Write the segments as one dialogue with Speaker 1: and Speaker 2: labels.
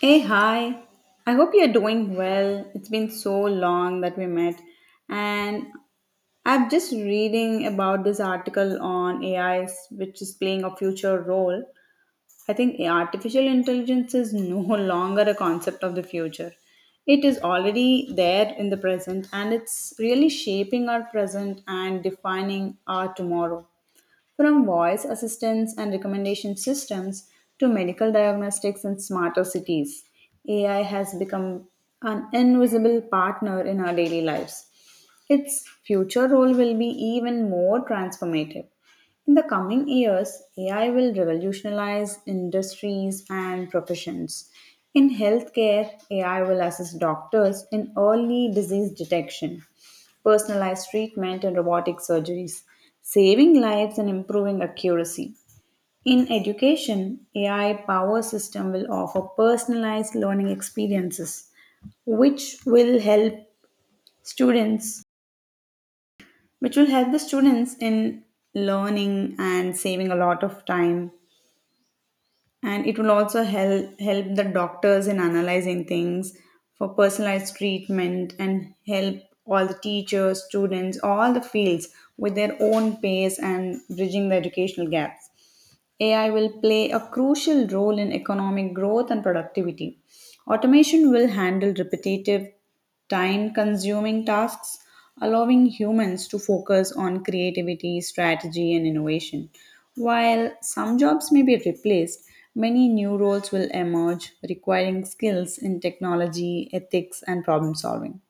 Speaker 1: Hey, hi. I hope you're doing well. It's been so long that we met. And I'm just reading about this article on AI, which is playing a future role. I think artificial intelligence is no longer a concept of the future. It is already there in the present and it's really shaping our present and defining our tomorrow. From voice assistance and recommendation systems to medical diagnostics and smarter cities, AI has become an invisible partner in our daily lives. Its future role will be even more transformative. In the coming years, AI will revolutionize industries and professions. In healthcare, AI will assist doctors in early disease detection, personalized treatment, and robotic surgeries, saving lives and improving accuracy. In education, AI power system will offer personalized learning experiences, which will help students which will help the students in learning and saving a lot of time, and it will also help the doctors in analyzing things for personalized treatment and help all the teachers, students, all the fields with their own pace and bridging the educational gaps. AI will play a crucial role in economic growth and productivity. Automation will handle repetitive, time consuming tasks, allowing humans to focus on creativity, strategy, and innovation. While some jobs may be replaced, many new roles will emerge requiring skills in technology, ethics, and problem solving.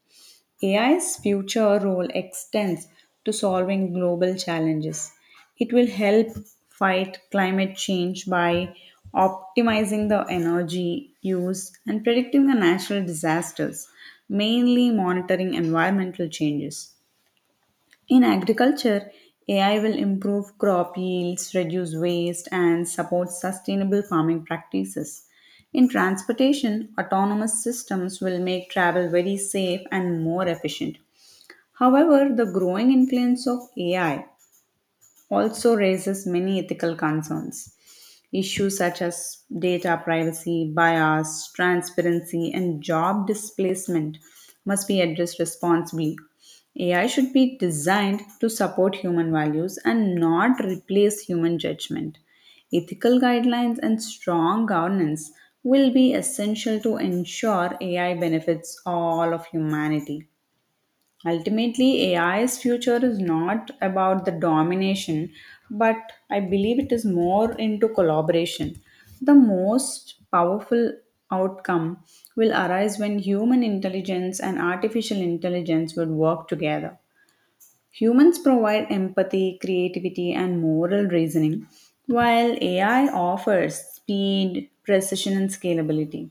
Speaker 1: AI's future role extends to solving global challenges. It will help fight climate change by optimizing the energy use and predicting the natural disasters, mainly monitoring environmental changes. In agriculture, AI will improve crop yields, reduce waste, and support sustainable farming practices. In transportation, autonomous systems will make travel very safe and more efficient. However, the growing influence of AI also raises many ethical concerns. Issues such as data privacy, bias, transparency, and job displacement must be addressed responsibly. AI should be designed to support human values and not replace human judgment. Ethical guidelines and strong governance will be essential to ensure AI benefits all of humanity. Ultimately, AI's future is not about the domination, but I believe it is more into collaboration. The most powerful outcome will arise when human intelligence and artificial intelligence will work together. Humans provide empathy, creativity, and moral reasoning, while AI offers speed, precision, and scalability.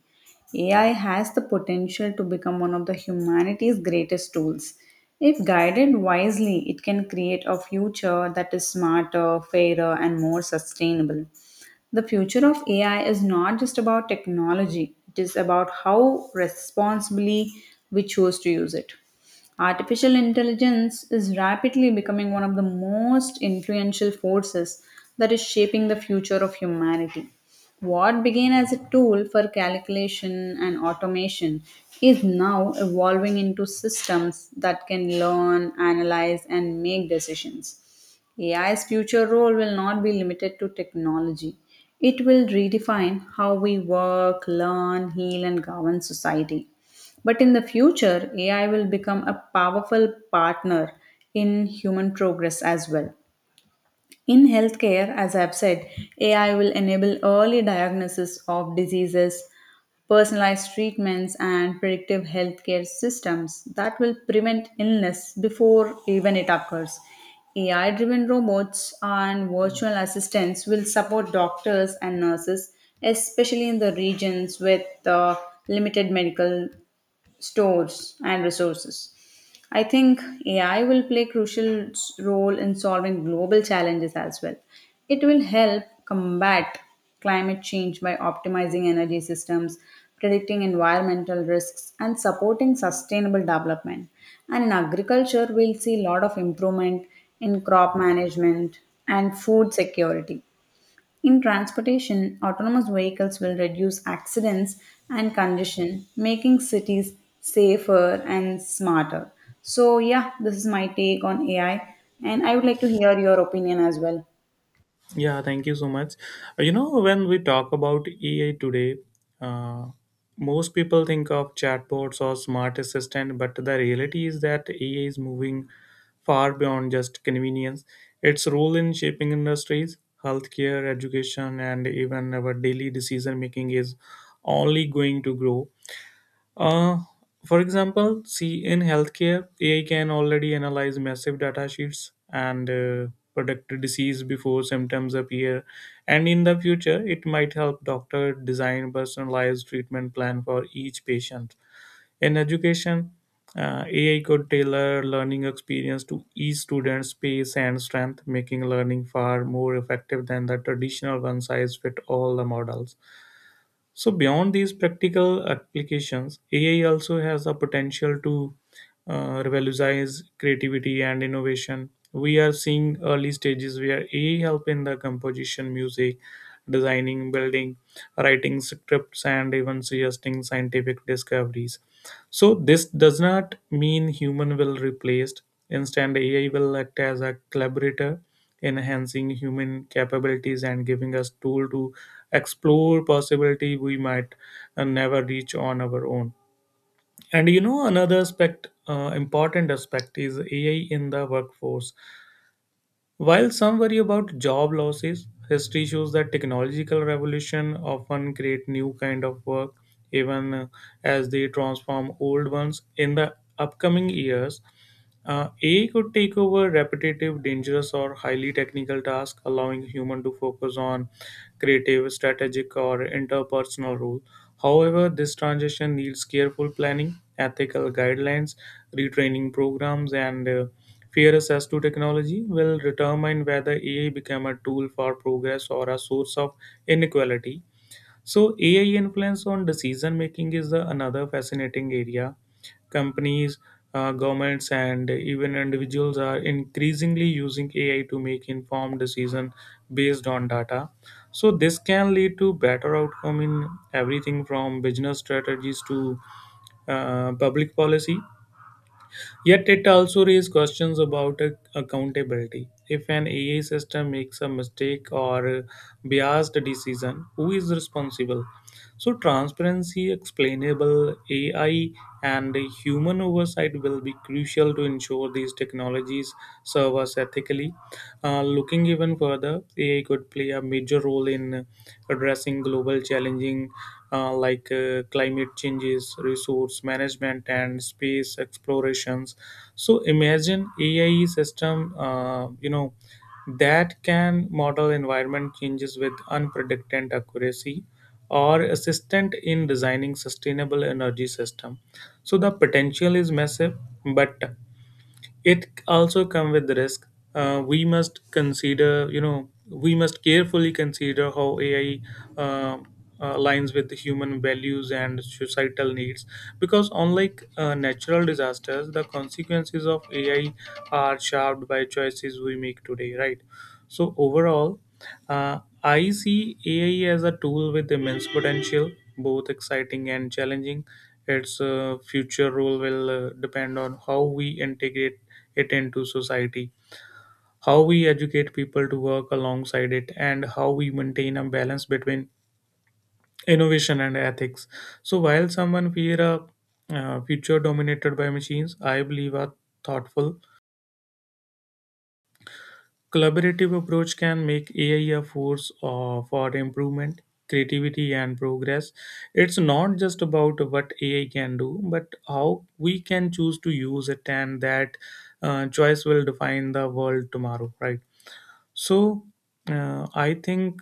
Speaker 1: AI has the potential to become one of the humanity's greatest tools. If guided wisely, it can create a future that is smarter, fairer, and more sustainable. The future of AI is not just about technology, it is about how responsibly we choose to use it. Artificial intelligence is rapidly becoming one of the most influential forces that is shaping the future of humanity. What began as a tool for calculation and automation is now evolving into systems that can learn, analyze, and make decisions. AI's future role will not be limited to technology. It will redefine how we work, learn, heal, and govern society. But in the future, AI will become a powerful partner in human progress as well. In healthcare, as I've said, AI will enable early diagnosis of diseases, personalized treatments, and predictive healthcare systems that will prevent illness before even it occurs. AI driven robots and virtual assistants will support doctors and nurses, especially in the regions with limited medical stores and resources. I think AI will play crucial role in solving global challenges as well. It will help combat climate change by optimizing energy systems, predicting environmental risks and supporting sustainable development. And in agriculture we'll see a lot of improvement in crop management and food security. In transportation, autonomous vehicles will reduce accidents and congestion, making cities safer and smarter. So, yeah, this is my take on AI, and I would like to hear your opinion as well.
Speaker 2: Yeah, thank you so much. You know, when we talk about AI today, uh, most people think of chatbots or smart assistant, but the reality is that AI is moving far beyond just convenience. Its role in shaping industries, healthcare, education, and even our daily decision making is only going to grow. Uh, for example, see in healthcare, AI can already analyze massive data sheets and predict disease before symptoms appear. And in the future, it might help doctor design personalized treatment plan for each patient. In education, AI could tailor learning experience to each student's pace and strength, making learning far more effective than the traditional one-size-fit-all models. So beyond these practical applications, AI also has the potential to revolutionize creativity and innovation. We are seeing early stages where AI help in the composition, music, designing, building, writing scripts, and even suggesting scientific discoveries. So this does not mean human will replaced. Instead, AI will act as a collaborator, enhancing human capabilities and giving us tool to explore possibility we might never reach on our own. And you know another aspect, important aspect is AI in the workforce. While some worry about job losses, history shows that technological revolution often create new kind of work even as they transform old ones in the upcoming years. AI could take over repetitive, dangerous, or highly technical tasks, allowing human to focus on creative, strategic, or interpersonal role. However, this transition needs careful planning, ethical guidelines, retraining programs, and fair access to technology will determine whether AI become a tool for progress or a source of inequality. So AI influence on decision making is the another fascinating area. Companies, governments, and even individuals are increasingly using AI to make informed decision based on data. So this can lead to better outcome in everything from business strategies to public policy. Yet it also raises questions about accountability. If an AI system makes a mistake or a biased decision, who is responsible? So transparency, explainable AI, and human oversight will be crucial to ensure these technologies serve us ethically. Looking even further, AI could play a major role in addressing global challenging like climate changes, resource management, and space explorations. So imagine AI system, you know, that can model environment changes with unpredicted accuracy or assistant in designing sustainable energy system, so the potential is massive, but it also come with risk. We must consider, you know, we must carefully consider how ai uh, aligns with the human values and societal needs, because unlike natural disasters, the consequences of ai are shaped by choices we make today, right? So overall, I see AI as a tool with immense potential, both exciting and challenging. Its future role will depend on how we integrate it into society, how we educate people to work alongside it, and how we maintain a balance between innovation and ethics. So, while someone fear a future dominated by machines, I believe a thoughtful collaborative approach can make AI a force for improvement, creativity, and progress. It's not just about what AI can do, but how we can choose to use it, and that choice will define the world tomorrow, right? So, I think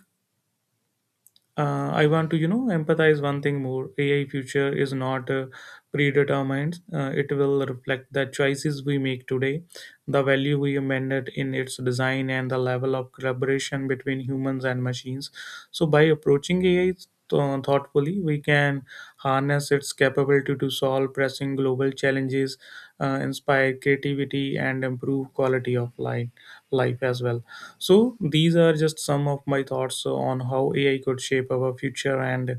Speaker 2: I want to, you know, empathize one thing more. AI future is not predetermined. It will reflect the choices we make today, the value we amended in its design, and the level of collaboration between humans and machines. So by approaching AI thoughtfully, we can harness its capability to solve pressing global challenges, inspire creativity, and improve quality of life as well. So, these are just some of my thoughts on how AI could shape our future, and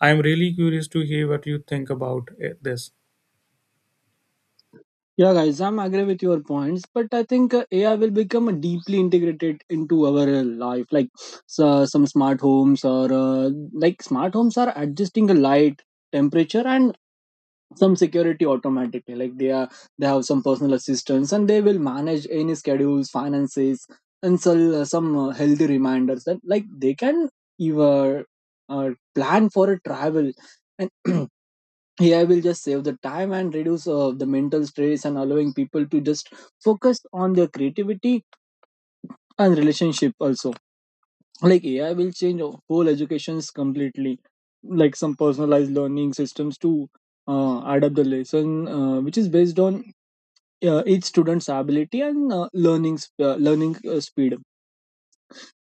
Speaker 2: I'm really curious to hear what you think about this.
Speaker 3: Yeah, guys, I'm agree with your points, but I think AI will become deeply integrated into our life. Like so, some smart homes or like smart homes are adjusting the light, temperature, and some security automatically. Like they have some personal assistants, and they will manage any schedules, finances, and so, some healthy reminders. That like they can even uh, plan for a travel and AI will just save the time and reduce the mental stress and allowing people to just focus on their creativity and relationship also. Like AI will change our whole educations completely, like some personalized learning systems to adapt the lesson, which is based on each student's ability and learning learning speed.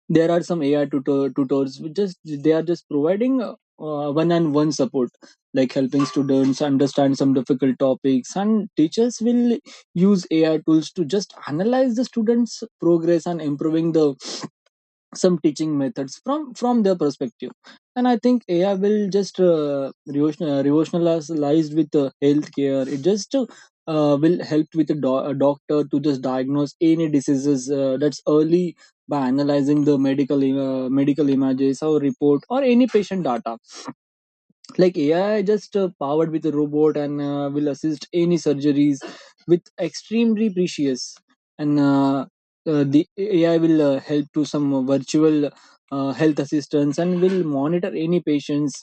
Speaker 3: There are some ai tutors which just they are just providing one on one support like helping students understand some difficult topics and teachers will use ai tools to just analyze the students progress and improving the some teaching methods from their perspective. And I think ai will just revolutionalized with healthcare. It just will help with a doctor to just diagnose any diseases that's early by analyzing the medical medical images or report or any patient data. Like AI just powered with a robot and will assist any surgeries with extremely precious. And the AI will help to some virtual health assistance and will monitor any patients,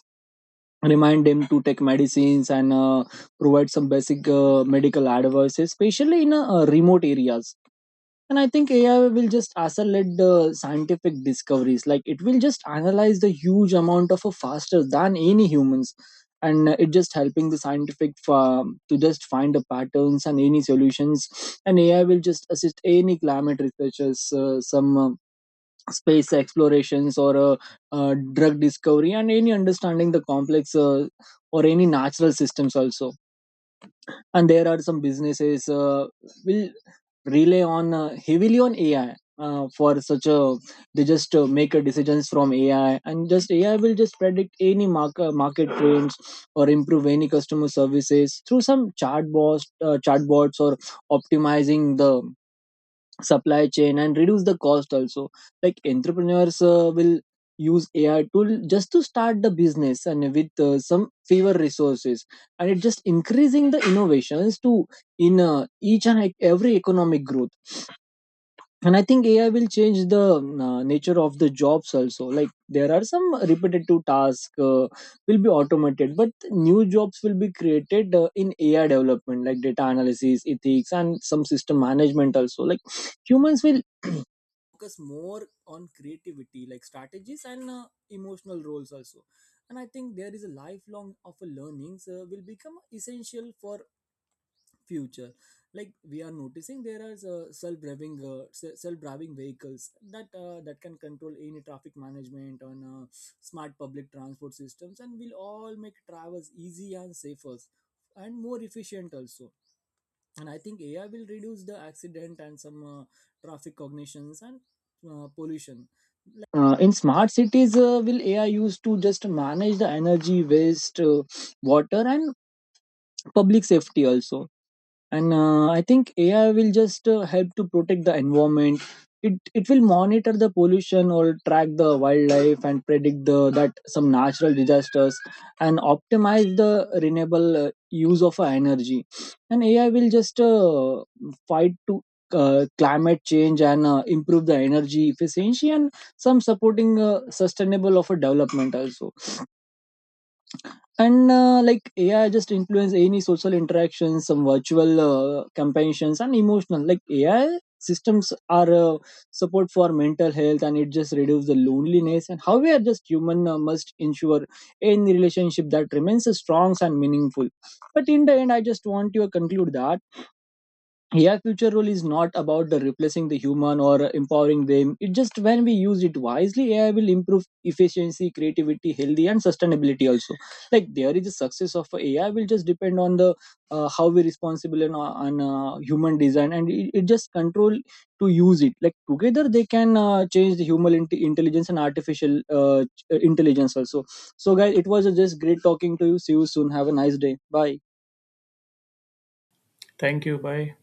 Speaker 3: remind them to take medicines and provide some basic medical advice, especially in remote areas. And I think ai will just accelerate the scientific discoveries, like it will just analyze the huge amount of a faster than any humans. And it just helping the scientific to just find the patterns and any solutions. And ai will just assist any climate researchers, some space explorations or drug discovery and any understanding the complex or any natural systems also. And there are some businesses will rely on heavily on AI for such a, they just make a decisions from AI. And just AI will just predict any market trends or improve any customer services through some chatbots or optimizing the supply chain and reduce the cost also. Like entrepreneurs will use AI tool just to start the business and with some fewer resources. And it just increasing the innovations to in each and every economic growth. And I think ai will change the nature of the jobs also, like there are some repetitive tasks will be automated, but new jobs will be created in ai development like data analysis ethics and some system management also. Like humans will focus more on creativity like strategies and emotional roles also. And I think there is a lifelong of a learnings will become essential for future. Like we are noticing there are self-driving vehicles that that can control any traffic management on smart public transport systems, and will all make travels easy and safer and more efficient also. And I think ai will reduce the accident and some traffic cognitions and pollution in smart cities, will ai used to just manage the energy waste, water and public safety also. And I think ai will just help to protect the environment. It will monitor the pollution or track the wildlife and predict the that some natural disasters and optimize the renewable use of energy. And ai will just fight to climate change and improve the energy efficiency and some supporting sustainable of a development also. And like ai just influence any social interactions, some virtual companions and emotional like ai systems are support for mental health, and it just reduce the loneliness. And how we are just human must ensure any relationship that remains strong and meaningful. But in the end I just want to conclude that AI future role is not about the replacing the human or empowering them. It just when we use it wisely, AI will improve efficiency, creativity, healthy, and sustainability also. Like there is a success of AI will just depend on the how we responsible and on human design, and it just control to use it. Like together they can change the human intelligence and artificial intelligence also. So guys, it was just great talking to you. See you soon. Have a nice day. Bye.
Speaker 2: Thank you. Bye.